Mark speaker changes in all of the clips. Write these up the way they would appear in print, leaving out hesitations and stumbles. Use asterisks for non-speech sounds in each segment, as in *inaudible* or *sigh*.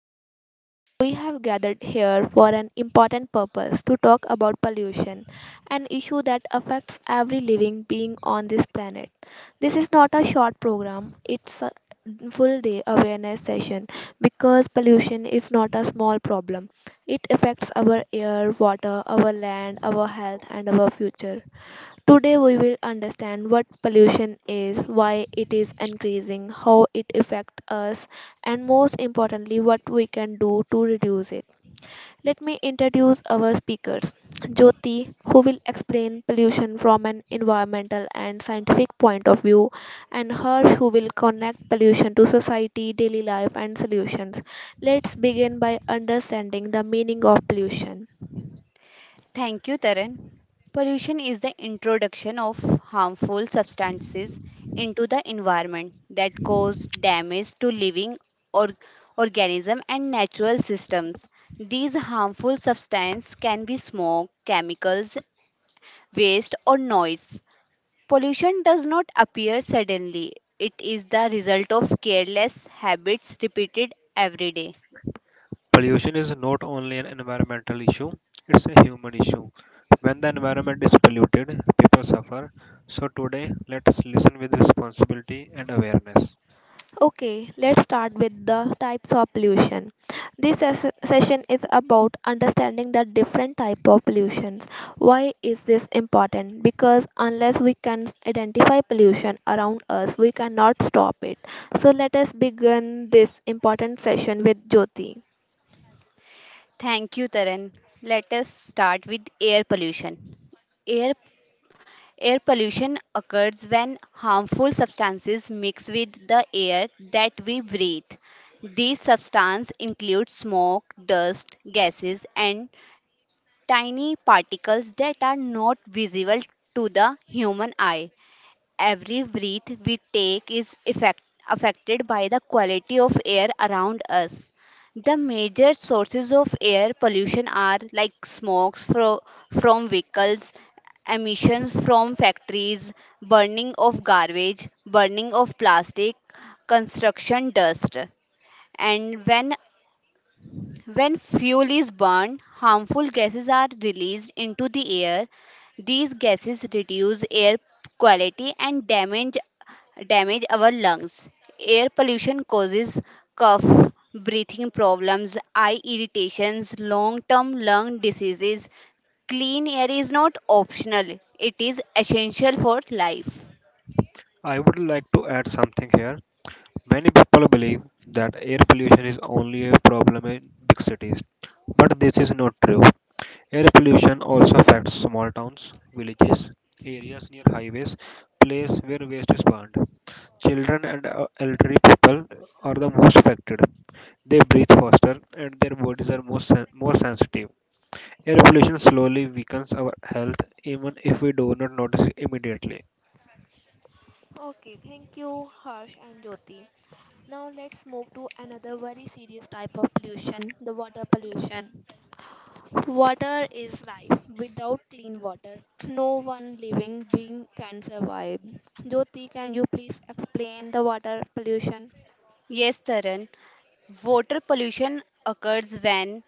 Speaker 1: here today. We have gathered here for an important purpose to talk about pollution, an issue that affects every living being on this planet. This is not a short program, it's a full day awareness session because pollution is not a small problem. It affects our air, water, our land, our health, and our future. Today we will understand what pollution is, why it is increasing, how it affects us, and most importantly what we can do to reduce it. Let me introduce our speakers. Jyoti, who will explain pollution from an environmental and scientific point of view, and Harsh, who will connect pollution to society, daily life, and solutions. Let's begin by understanding the meaning of pollution.
Speaker 2: Thank you, Taran. Pollution is the introduction of harmful substances into the environment that cause damage to living or organism and natural systems. These harmful substances can be smoke, chemicals, waste or noise. Pollution does not appear suddenly. It is the result of careless habits repeated every day.
Speaker 3: Pollution is not only an environmental issue, it's a human issue. When the environment is polluted, people suffer. So today, let us listen with responsibility and awareness.
Speaker 1: Okay, let's start with the types of pollution. This session is about understanding the different type of pollutions. Why is this important? Because unless we can identify pollution around us, we cannot stop it. So let us begin this important session with Jyoti.
Speaker 2: Thank you, Taran. Let us start with air pollution. Air Air pollution occurs when harmful substances mix with the air that we breathe. These substances include smoke, dust, gases, and tiny particles that are not visible to the human eye. Every breath we take is affected by the quality of air around us. The major sources of air pollution are like from vehicles, emissions from factories, burning of garbage, burning of plastic, construction dust. And when fuel is burned, harmful gases are released into the air. These gases reduce air quality and damage our lungs. Air pollution causes cough, breathing problems, eye irritations, long-term lung diseases. Clean air is not optional, it is essential for life.
Speaker 3: I would like to add something here. Many people believe that air pollution is only a problem in big cities, but this is not true. Air pollution also affects small towns, villages, areas near highways, places where waste is burned. Children and elderly people are the most affected. They breathe faster and their bodies are more sensitive. Air pollution slowly weakens our health even if we do not notice immediately.
Speaker 1: Okay, thank you, Harsh and Jyoti. Now let's move to another very serious type of pollution, the water pollution. Water is life. Without clean water, *clears throat* no one living being can survive. Jyoti, can you please explain the water pollution?
Speaker 2: Yes, Taran. Water pollution occurs when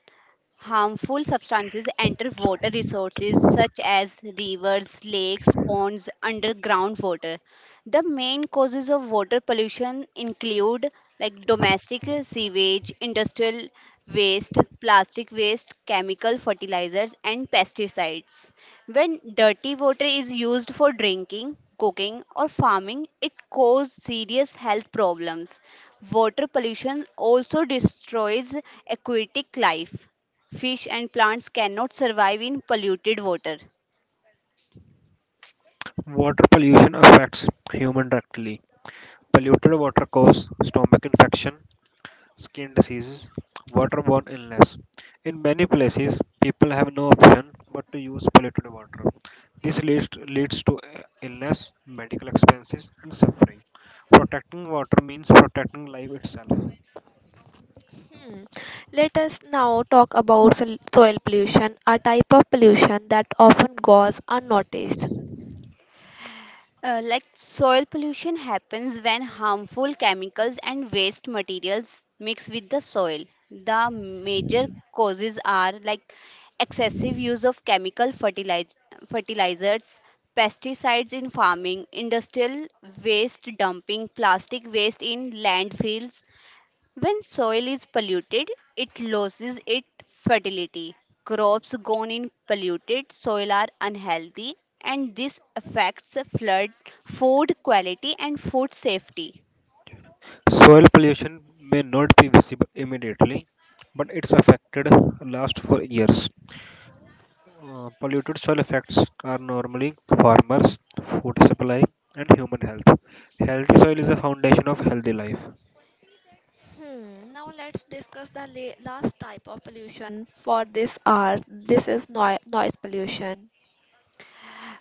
Speaker 2: harmful substances enter water resources such as rivers, lakes, ponds, underground water. The main causes of water pollution include like domestic sewage, industrial waste, plastic waste, chemical fertilizers and pesticides. When dirty water is used for drinking, cooking or farming, it causes serious health problems. Water pollution also destroys aquatic life. Fish and plants cannot survive in polluted water.
Speaker 3: Water pollution affects human directly. Polluted water causes stomach infection, skin diseases, waterborne illness. In many places, people have no option but to use polluted water. This leads to illness, medical expenses, and suffering. Protecting water means protecting life itself.
Speaker 1: Hmm. Let us now talk about soil pollution, a type of pollution that often goes unnoticed.
Speaker 2: Like soil pollution happens when harmful chemicals and waste materials mix with the soil. The major causes are like excessive use of fertilizers, pesticides in farming, industrial waste dumping, plastic waste in landfills. When soil is polluted, it loses its fertility. Crops grown in polluted soil are unhealthy, and this affects food quality, and food safety.
Speaker 3: Soil pollution may not be visible immediately, but it's affected last for years. Polluted soil effects are normally farmers, food supply, and human health. Healthy soil is the foundation of healthy life.
Speaker 1: Hmm, now let's discuss the last type of pollution for this hour. This is noise pollution.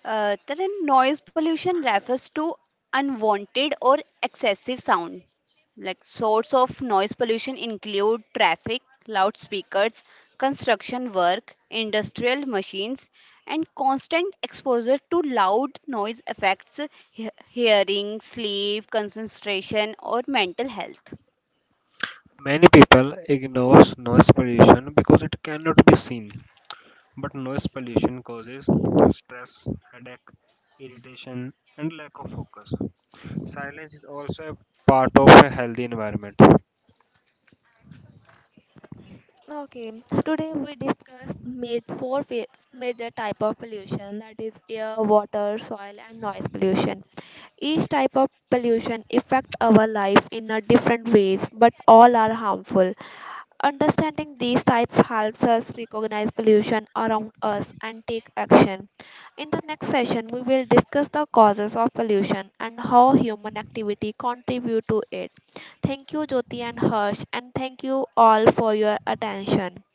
Speaker 2: Tarun, noise pollution refers to unwanted or excessive sound. Like source of noise pollution include traffic, loudspeakers, construction work, industrial machines, and constant exposure to loud noise affects hearing, sleep, concentration, or mental health.
Speaker 3: Many people ignore noise pollution because it cannot be seen. But noise pollution causes stress, headache, irritation, and lack of focus. Silence is also a part of a healthy environment.
Speaker 1: Okay, today we discussed four major type of pollution, that is air, water, soil and noise pollution. Each type of pollution affect our life in a different ways but all are harmful. Understanding these types helps us recognize pollution around us and take action. In the next session we will discuss the causes of pollution and how human activity contribute to it. Thank you, Jyoti and Harsh, and thank you all for your attention.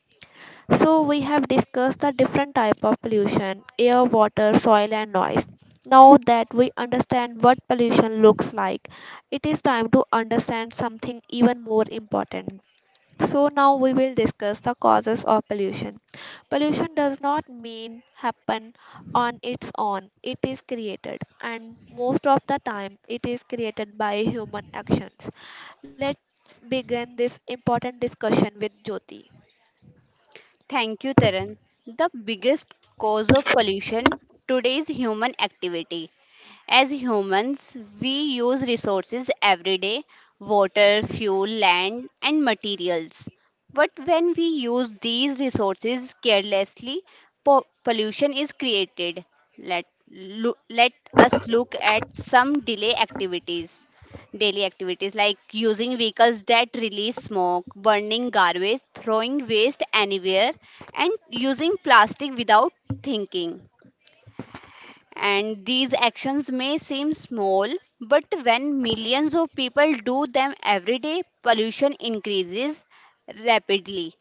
Speaker 1: So we have discussed the different type of pollution, air, water, soil and noise. Now that we understand what pollution looks like, it is time to understand something even more important. So now we will discuss the causes of pollution. Pollution does not mean happen on its own. It is created, and most of the time it is created by human actions. Let's begin this important discussion with Jyoti.
Speaker 2: Thank you, Taran. The biggest cause of pollution today is human activity. As humans, we use resources every day: water, fuel, land, and materials. But when we use these resources carelessly, pollution is created. Let, Let us look at some delay activities daily activities like using vehicles that release smoke, burning garbage, throwing waste anywhere, and using plastic without thinking. And these actions may seem small, but when millions of people do them every day, pollution increases rapidly.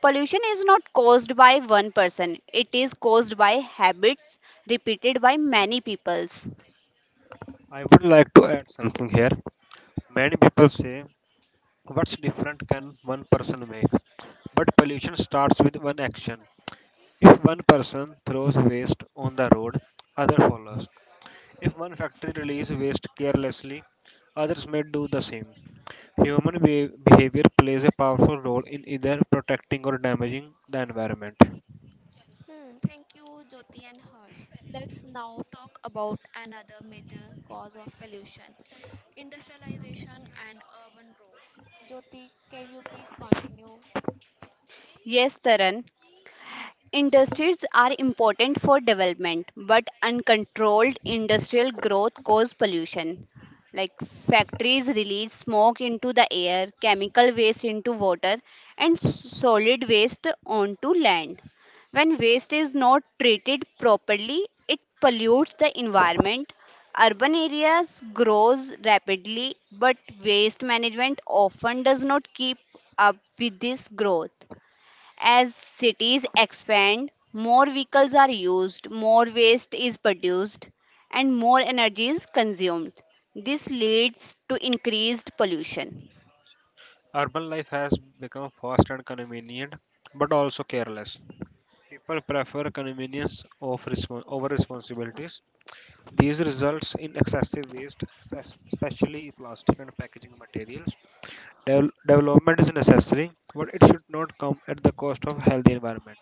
Speaker 2: Pollution is not caused by one person, it is caused by habits repeated by many peoples.
Speaker 3: I would like to add something here. Many people say, what's different can one person make? But pollution starts with one action. If one person throws waste on the road, other follows. If one factory releases waste carelessly, others may do the same. Human behavior plays a powerful role in either protecting or damaging the environment.
Speaker 1: Hmm, thank you, Jyoti and Harsh. Let's now talk about another major cause of pollution, industrialization and urban growth. Jyoti, can you please continue?
Speaker 2: Yes, Taran. Industries are important for development, but uncontrolled industrial growth cause pollution. Like factories release smoke into the air, chemical waste into water, and solid waste onto land. When waste is not treated properly, it pollutes the environment. Urban areas grows rapidly, but waste management often does not keep up with this growth. As cities expand, more vehicles are used, more waste is produced, and more energy is consumed. This leads to increased pollution.
Speaker 3: Urban life has become fast and convenient, but also careless. People prefer convenience of respon over responsibilities. These results in excessive waste, especially plastic and packaging materials. Development is necessary, but it should not come at the cost of healthy environment.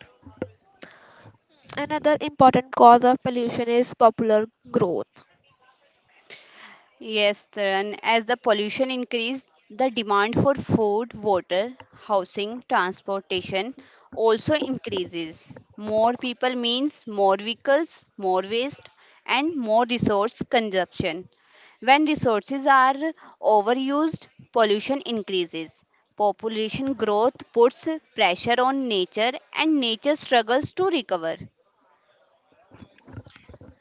Speaker 1: Another important cause of pollution is popular growth.
Speaker 2: Yes, Taran, as the pollution increased, the demand for food, water, housing, transportation also increases. More people means more vehicles, more waste, and more resource consumption. When resources are overused, pollution increases. Population growth puts pressure on nature, and nature struggles to recover.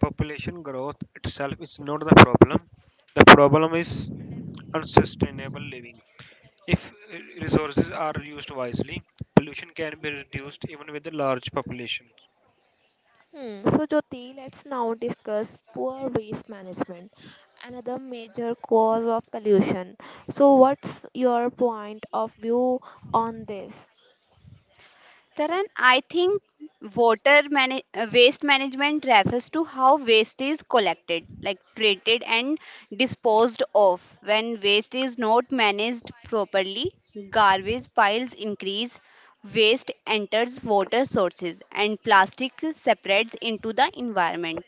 Speaker 3: Population growth itself is not the problem. The problem is unsustainable living. If resources are used wisely, pollution can be reduced even with a large population.
Speaker 1: Hmm. So, Jyoti, let's now discuss poor waste management, another major cause of pollution. So, what's your point of view on this?
Speaker 2: Taran, I think waste management refers to how waste is collected, like treated and disposed of. When waste is not managed properly, garbage piles increase, waste enters water sources, and plastic separates into the environment.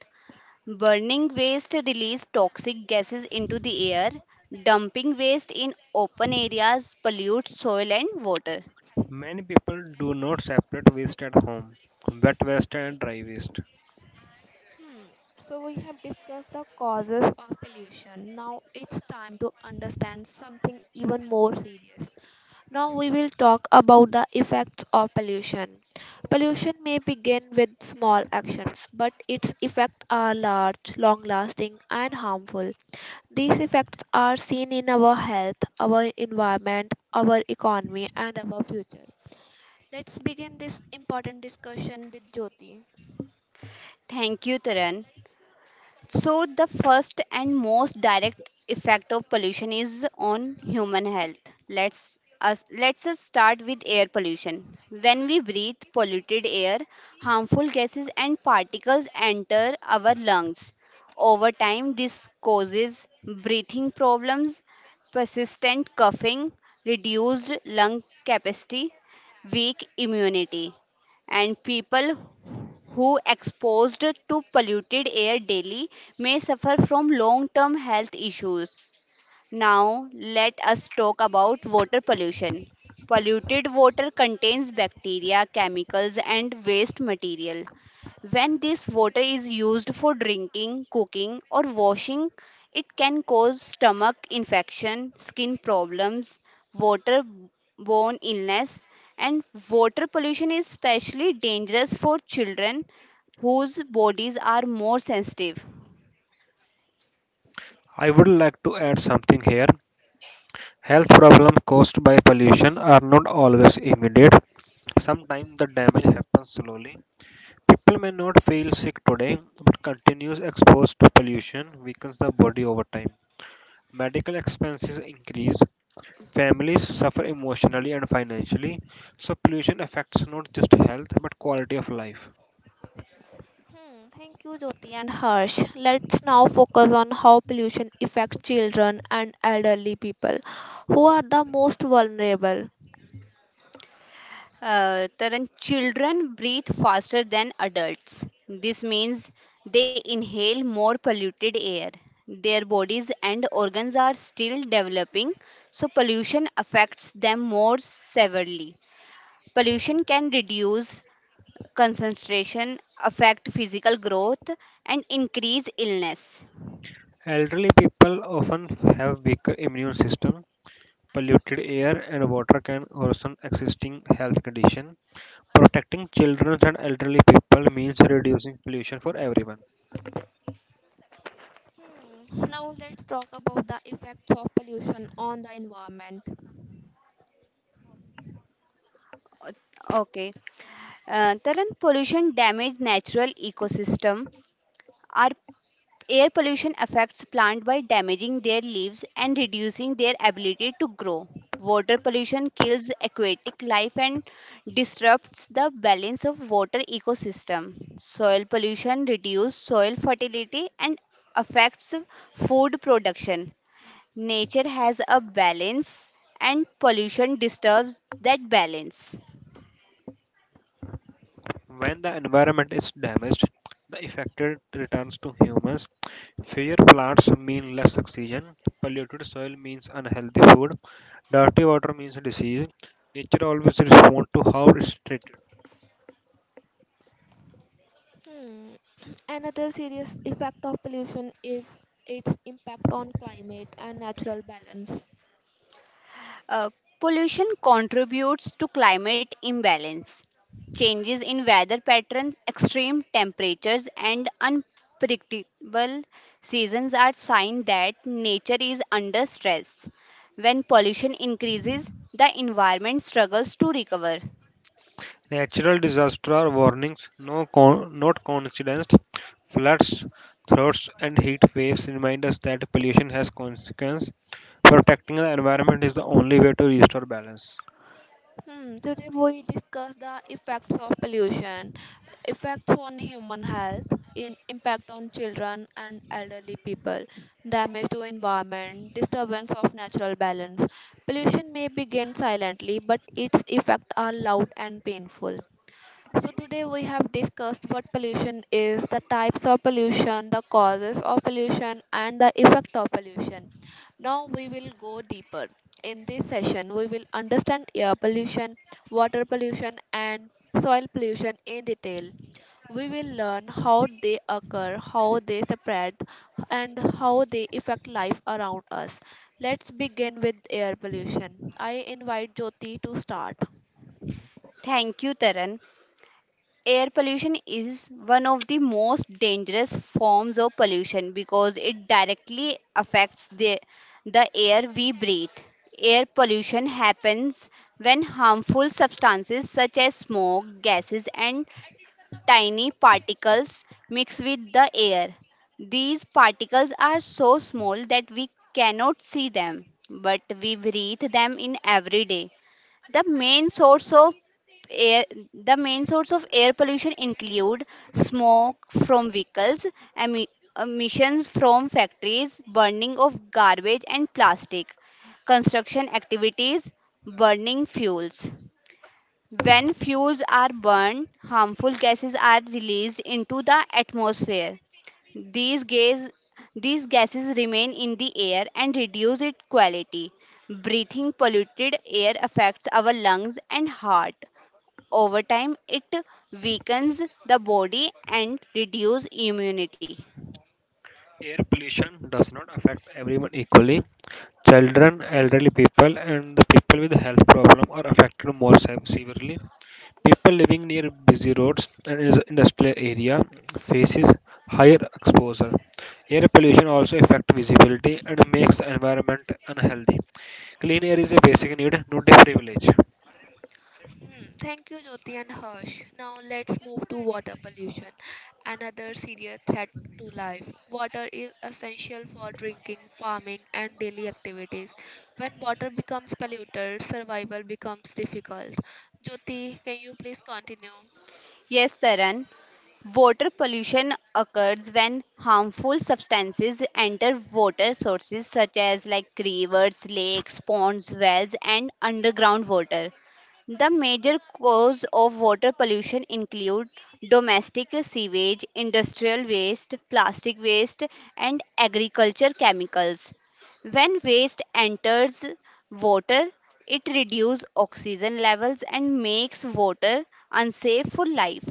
Speaker 2: Burning waste release toxic gases into the air. Dumping waste in open areas pollutes soil and water.
Speaker 3: Many people do not separate waste at home, wet waste and dry waste.
Speaker 1: Hmm. So we have discussed the causes of pollution. Now it's time to understand something even more serious. Now we will talk about the effects of pollution. Pollution may begin with small actions, but its effects are large, long-lasting, and harmful. These effects are seen in our health, our environment, our economy, and our future. Let's begin this important discussion with Jyoti.
Speaker 2: Thank you, Taran. So, the first and most direct effect of pollution is on human health. Let's us start with air pollution. When we breathe polluted air, harmful gases and particles enter our lungs. Over time, this causes breathing problems, persistent coughing, reduced lung capacity, weak immunity, and people who exposed to polluted air daily may suffer from long term health issues. Now, let us talk about water pollution. Polluted water contains bacteria, chemicals, and waste material. When this water is used for drinking, cooking, or washing, it can cause stomach infection, skin problems, waterborne illness, and water pollution is especially dangerous for children whose bodies are more sensitive.
Speaker 3: I would like to add something here. Health problems caused by pollution are not always immediate. Sometimes the damage happens slowly. People may not feel sick today, but continuous exposure to pollution weakens the body over time. Medical expenses increase. Families suffer emotionally and financially, so pollution affects not just health but quality of life.
Speaker 1: Hmm, thank you, Jyoti and Harsh. Let's now focus on how pollution affects children and elderly people who are the most vulnerable.
Speaker 2: Taran, children breathe faster than adults. This means they inhale more polluted air. Their bodies and organs are still developing, so pollution affects them more severely. Pollution can reduce concentration, affect physical growth, and increase illness.
Speaker 3: Elderly people often have weaker immune system. Polluted air and water can worsen existing health condition. Protecting children and elderly people means reducing pollution for everyone.
Speaker 1: Hmm, now let's talk about the effects of pollution on the environment.
Speaker 2: Okay. Taran, pollution damage natural ecosystem. Our Air pollution affects plants by damaging their leaves and reducing their ability to grow. Water pollution kills aquatic life and disrupts the balance of water ecosystem. Soil pollution reduces soil fertility and affects food production. Nature has a balance and pollution disturbs that balance.
Speaker 3: When the environment is damaged, the affected returns to humans. Fewer plants mean less oxygen. Polluted soil means unhealthy food. Dirty water means disease. Nature always responds to how it's treated.
Speaker 1: Hmm. Another serious effect of pollution is its impact on climate and natural balance.
Speaker 2: Uh, Pollution contributes to climate imbalance. Changes in weather patterns, extreme temperatures, and unpredictable seasons are signs that nature is under stress. When pollution increases, the environment struggles to recover.
Speaker 3: Natural disasters are warnings, not coincidence. Floods, droughts, and heat waves remind us that pollution has consequences. Protecting the environment is the only way to restore balance.
Speaker 1: Hmm, today we discuss the effects of pollution, effects on human health, in impact on children and elderly people, damage to environment, disturbance of natural balance. Pollution may begin silently, but its effects are loud and painful. So, today we have discussed what pollution is, the types of pollution, the causes of pollution, and the effect of pollution. Now, we will go deeper. In this session, we will understand air pollution, water pollution, and soil pollution in detail. We will learn how they occur, how they spread, and how they affect life around us. Let's begin with air pollution. I invite Jyoti to start.
Speaker 2: Thank you, Taran. Air pollution is one of the most dangerous forms of pollution because it directly affects the air we breathe. Air pollution happens when harmful substances such as smoke, gases, and tiny particles mix with the air. These particles are so small that we cannot see them, but we breathe them in every day. The main source of air the main source of air pollution include smoke from vehicles, emi- emissions from factories, burning of garbage and plastic, construction activities, burning fuels. When fuels are burned, harmful gases are released into the atmosphere. These gas, these gases remain in the air and reduce its quality. Breathing polluted air affects our lungs and heart. Over time, it weakens the body and reduces immunity.
Speaker 3: Air pollution does not affect everyone equally. Children, elderly people, and the people with health problems are affected severely. People living near busy roads and industrial area faces higher exposure. Air pollution also affects visibility and makes the environment unhealthy. Clean air is a basic need, not a privilege.
Speaker 1: Hmm. Thank you, Jyoti and Harsh. Now let's move to water pollution, another serious threat to life. Water is essential for drinking, farming, and daily activities. When water becomes polluted, survival becomes difficult. Jyoti, can you please continue?
Speaker 2: Yes, Taran. Water pollution occurs when harmful substances enter water sources such as like rivers, lakes, ponds, wells, and underground water. The major cause of water pollution include domestic sewage, industrial waste, plastic waste, and agriculture chemicals. When waste enters water, it reduces oxygen levels and makes water unsafe for life.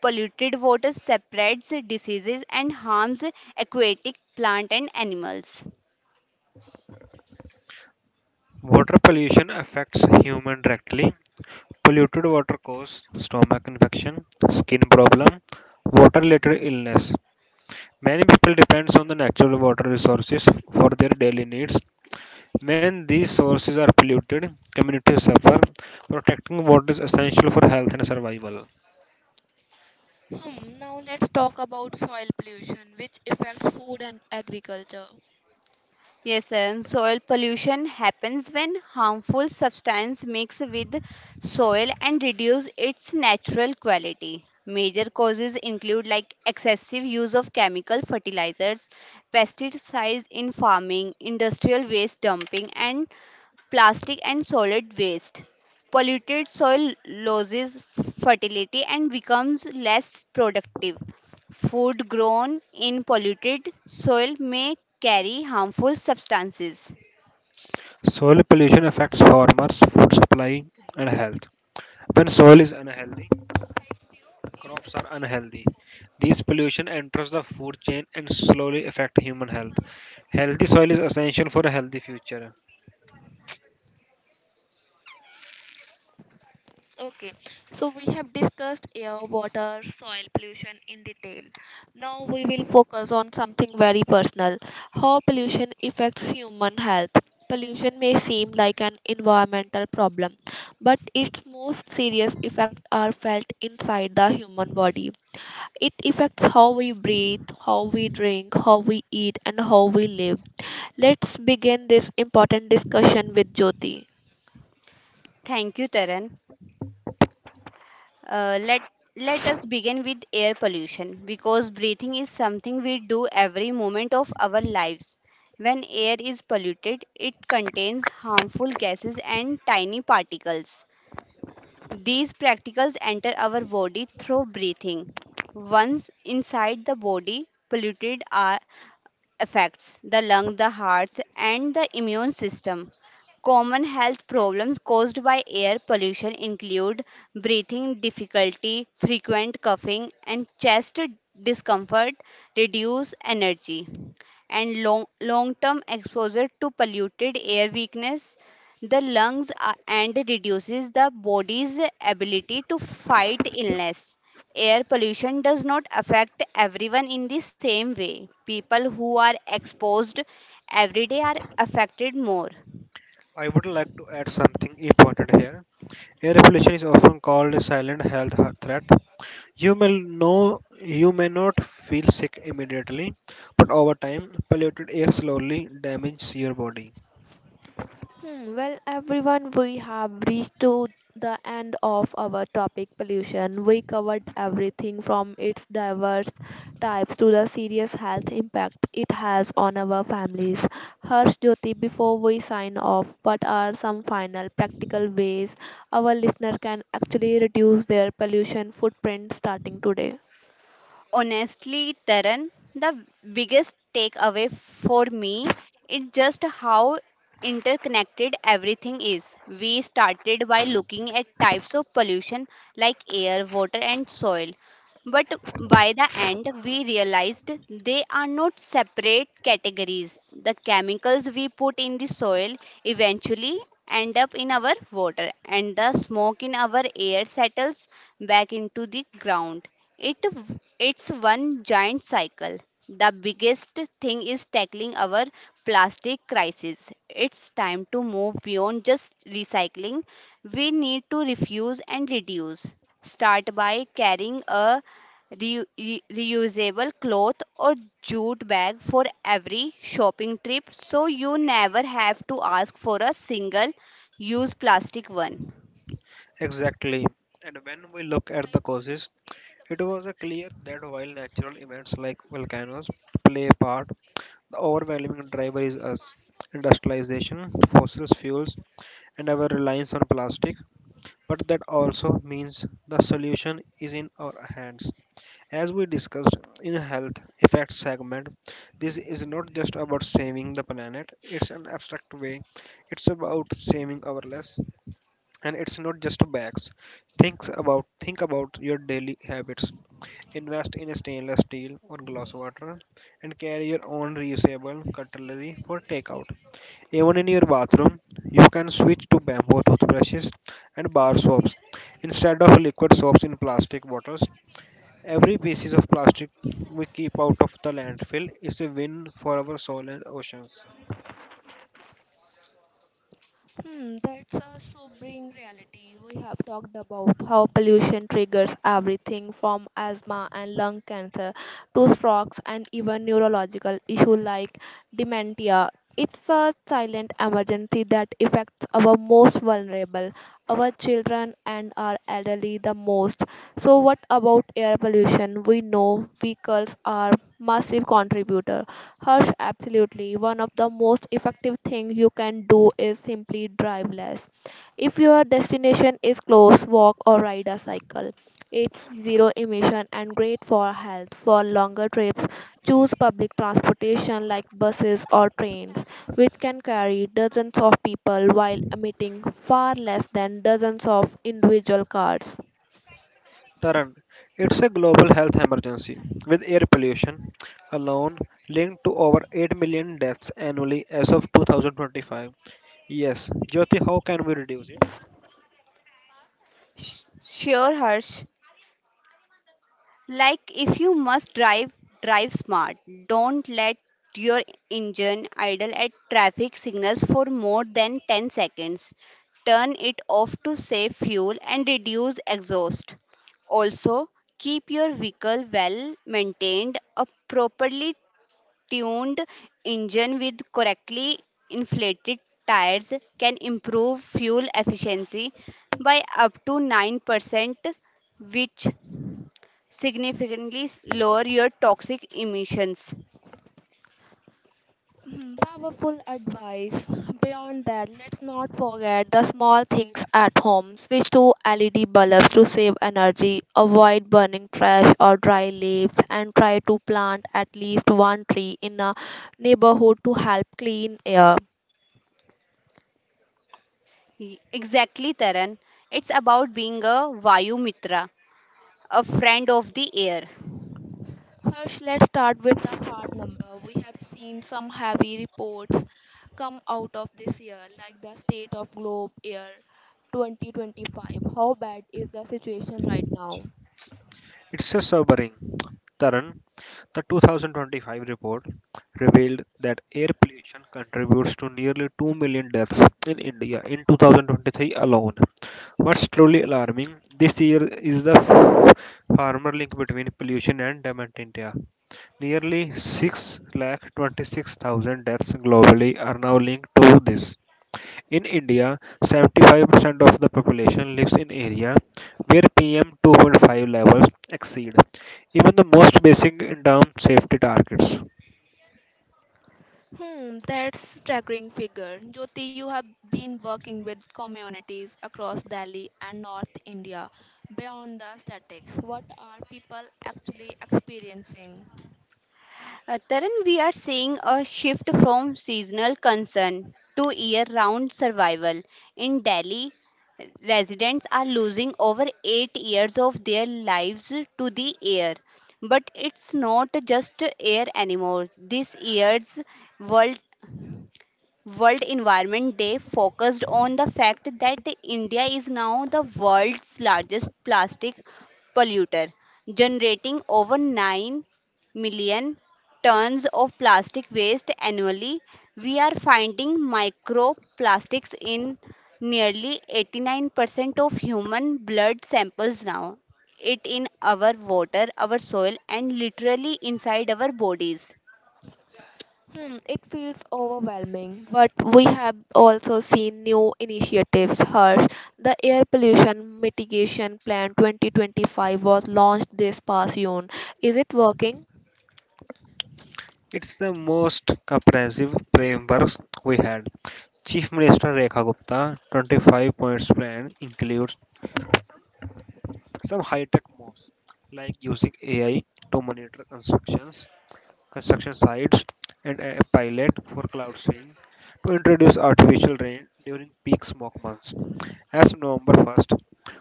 Speaker 2: Polluted water spreads diseases and harms aquatic plant and animals.
Speaker 3: Water pollution affects human directly. Polluted water causes stomach infection, skin problem, water-related illness. Many people depends on the natural water resources for their daily needs. When these sources are polluted, communities suffer. Protecting water is essential for health and survival.
Speaker 1: Hmm, now let's talk about soil pollution, which affects food and agriculture.
Speaker 2: Yes, and soil pollution happens when harmful substance mix with soil and reduce its natural quality. Major causes include like excessive use of chemical fertilizers, pesticides in farming, industrial waste dumping and plastic and solid waste. Polluted soil loses fertility and becomes less productive. Food grown in polluted soil may carry harmful substances.
Speaker 3: Soil pollution affects farmers, food supply, and health. When soil is unhealthy, crops are unhealthy. This pollution enters the food chain and slowly affect human health. Healthy soil is essential for a healthy future.
Speaker 1: Okay, so we have discussed air, water, soil pollution in detail. Now we will focus on something very personal, how pollution affects human health. Pollution may seem like an environmental problem, but its most serious effects are felt inside the human body. It affects how we breathe, how we drink, how we eat, and how we live. Let's begin this important discussion with Jyoti.
Speaker 2: Thank you, Taran. Uh, let Let us begin with air pollution because breathing is something we do every moment of our lives. When air is polluted, it contains harmful gases and tiny particles. These practicals enter our body through breathing. Once inside the body, polluted air affects the lung, the hearts, and the immune system. Common health problems caused by air pollution include breathing difficulty, frequent coughing, and chest discomfort, reduced energy, and long term exposure to polluted air weakness the and reduces the body's ability to fight illness. Air pollution does not affect everyone in the same way. People who are exposed every day are affected more.
Speaker 3: I would like to add something important here. Air pollution is often called a silent health threat. You may not feel sick immediately, but over time, polluted air slowly damages your body.
Speaker 1: Hmm, well, everyone, we have reached to the end of our topic pollution. We covered everything from its diverse types to the serious health impact it has on our families. Harsh, Jyoti, before we sign off, what are some final practical ways our listener can actually reduce their pollution footprint starting today?
Speaker 2: Honestly, Taran, the biggest takeaway for me is just how interconnected everything is. We started by looking at types of pollution like air, water, and soil. But by the end, we realized they are not separate categories. The chemicals we put in the soil eventually end up in our water, and the smoke in our air settles back into the ground. It, it's one giant cycle. The biggest thing is tackling our plastic crisis. It's time to move beyond just recycling. We need to refuse and reduce. Start by carrying a reusable cloth or jute bag for every shopping trip so you never have to ask for a single use plastic one.
Speaker 3: Exactly. And when we look at the causes, it was clear that while natural events like volcanoes play a part, the overwhelming driver is us industrialization, fossil fuels, and our reliance on plastic. But that also means the solution is in our hands. As we discussed in health effects segment, this is not just about saving the planet, it's an abstract way. It's about saving our less and it's not just bags. Think about your daily habits. Invest in stainless steel or glass water and carry your own reusable cutlery for takeout. Even in your bathroom, you can switch to bamboo toothbrushes and bar soaps instead of liquid soaps in plastic bottles. Every pieces of plastic we keep out of the landfill is a win for our soil and oceans.
Speaker 1: Hmm, that's a sobering reality. We have talked about how pollution triggers everything from asthma and lung cancer to strokes and even neurological issues like dementia. It's a silent emergency that affects our most vulnerable, our children and our elderly the most. So what about air pollution? We know vehicles are massive contributor. Harsh, absolutely. One of the most effective things you can do is simply drive less. If your destination is close, walk or ride a cycle. It's zero emission and great for health. For longer trips, choose public transportation like buses or trains, which can carry dozens of people while emitting far less than dozens of individual cars.
Speaker 3: Taran, it's a global health emergency with air pollution alone linked to over 8 million deaths annually as of 2025. Yes, Jyoti, how can we reduce it?
Speaker 2: Sure, Harsh. Like if you must drive, drive smart. Don't let your engine idle at traffic signals for more than 10 seconds. Turn it off to save fuel and reduce exhaust. Also, keep your vehicle well maintained. A properly tuned engine with correctly inflated tires can improve fuel efficiency by up to 9%, which significantly lower your toxic emissions.
Speaker 1: *clears throat* Mhm. Powerful advice. Beyond that, let's not forget the small things at home. Switch to LED bulbs to save energy, avoid burning trash or dry leaves, and try to plant at least one tree in a neighborhood to help clean air.
Speaker 2: Exactly, Taran. It's about being a Vayu Mitra, a friend of the air.
Speaker 1: Harsh, let's start with the hard number. We have seen some heavy reports come out of this year, like the state of globe air 2025. How bad is the situation right now?
Speaker 3: It's a sobering. Taran, the 2025 report revealed that air pollution contributes to nearly 2 million deaths in India in 2023 alone. What's truly alarming this year is the farmer link between pollution and dementia. Nearly six lakh 26,000 deaths globally are now linked to this. In India, 75% of the population lives in area where PM2.5 levels exceed even the most basic in term safety targets.
Speaker 1: Hmm, that's staggering figure. Jyoti, you have been working with communities across Delhi and North India. Beyond the statistics, what are people actually experiencing?
Speaker 2: Taran, we are seeing a shift from seasonal concern to year round survival. In Delhi, residents are losing over 8 years of their lives to the air. But it's not just air anymore. This year's world World Environment Day focused on the fact that India is now the world's largest plastic polluter, generating over 9 million tons of plastic waste annually. We are finding microplastics in nearly 89% of human blood samples now, it in our water, our soil, and literally inside our bodies.
Speaker 1: Hmm, it feels overwhelming, but we have also seen new initiatives. Harsh, the air pollution mitigation plan 2025 was launched this past June. Is it working?
Speaker 3: It's the most comprehensive frameworks we had. Chief Minister Rekha Gupta 25 points plan includes some high-tech moves like using AI to monitor constructions, construction sites, and a pilot for cloud seeding to introduce artificial rain during peak smoke months. As of November 1st,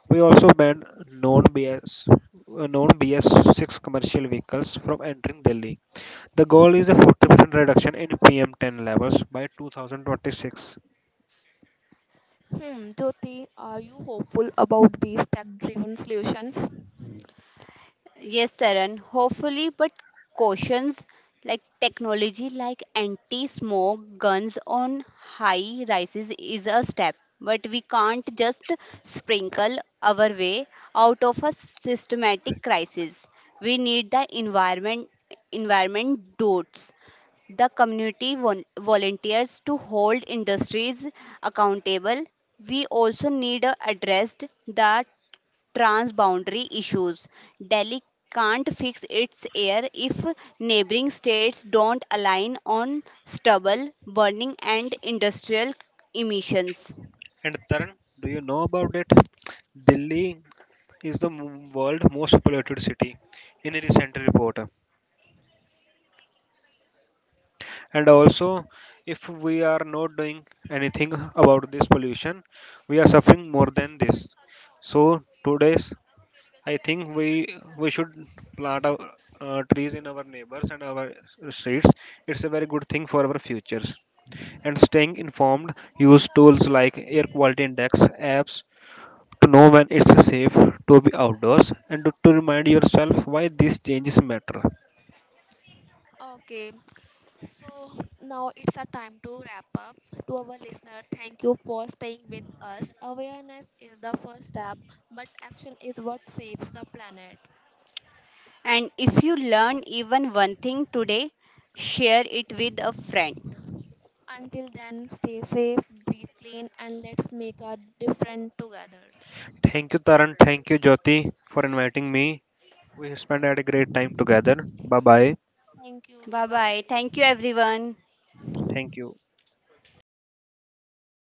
Speaker 3: we also banned known BS known BS6 commercial vehicles from entering Delhi. The goal is a 40% reduction in PM10 levels by 2026.
Speaker 1: Hmm, Jyoti, are you hopeful about these tech driven solutions?
Speaker 2: Yes, Taran, hopefully, but cautions like technology like anti smoke guns on high rises is a step, but we can't just sprinkle our way out of a systematic crisis. We need the environment dots the volunteers to hold industries accountable. We also need to address the transboundary issues. Delhi can't fix its air if neighboring states don't align on stubble burning and industrial emissions.
Speaker 3: And Taran, do you know about it? Delhi is the world most polluted city in a recent report. And also, if we are not doing anything about this pollution, we are suffering more than this. So today's, I think we should plant our, trees in our neighbors and our streets. It's a very good thing for our futures. And staying informed, use tools like air quality index apps to know when it's safe to be outdoors and to remind yourself why these changes matter.
Speaker 1: Okay, so now it's a time to wrap up. To our listener, thank you for staying with us. Awareness is the first step, but action is what saves the planet.
Speaker 2: And if you learn even one thing today, share it with a friend.
Speaker 1: Until then, stay safe, breathe clean, and let's make a difference together.
Speaker 3: Thank you, Taran. Thank you, Jyoti, for inviting me. We spent had a great time together. Bye bye.
Speaker 1: Thank you.
Speaker 2: Bye bye. Thank you,
Speaker 1: Goodbye.
Speaker 2: everyone.
Speaker 3: Thank you.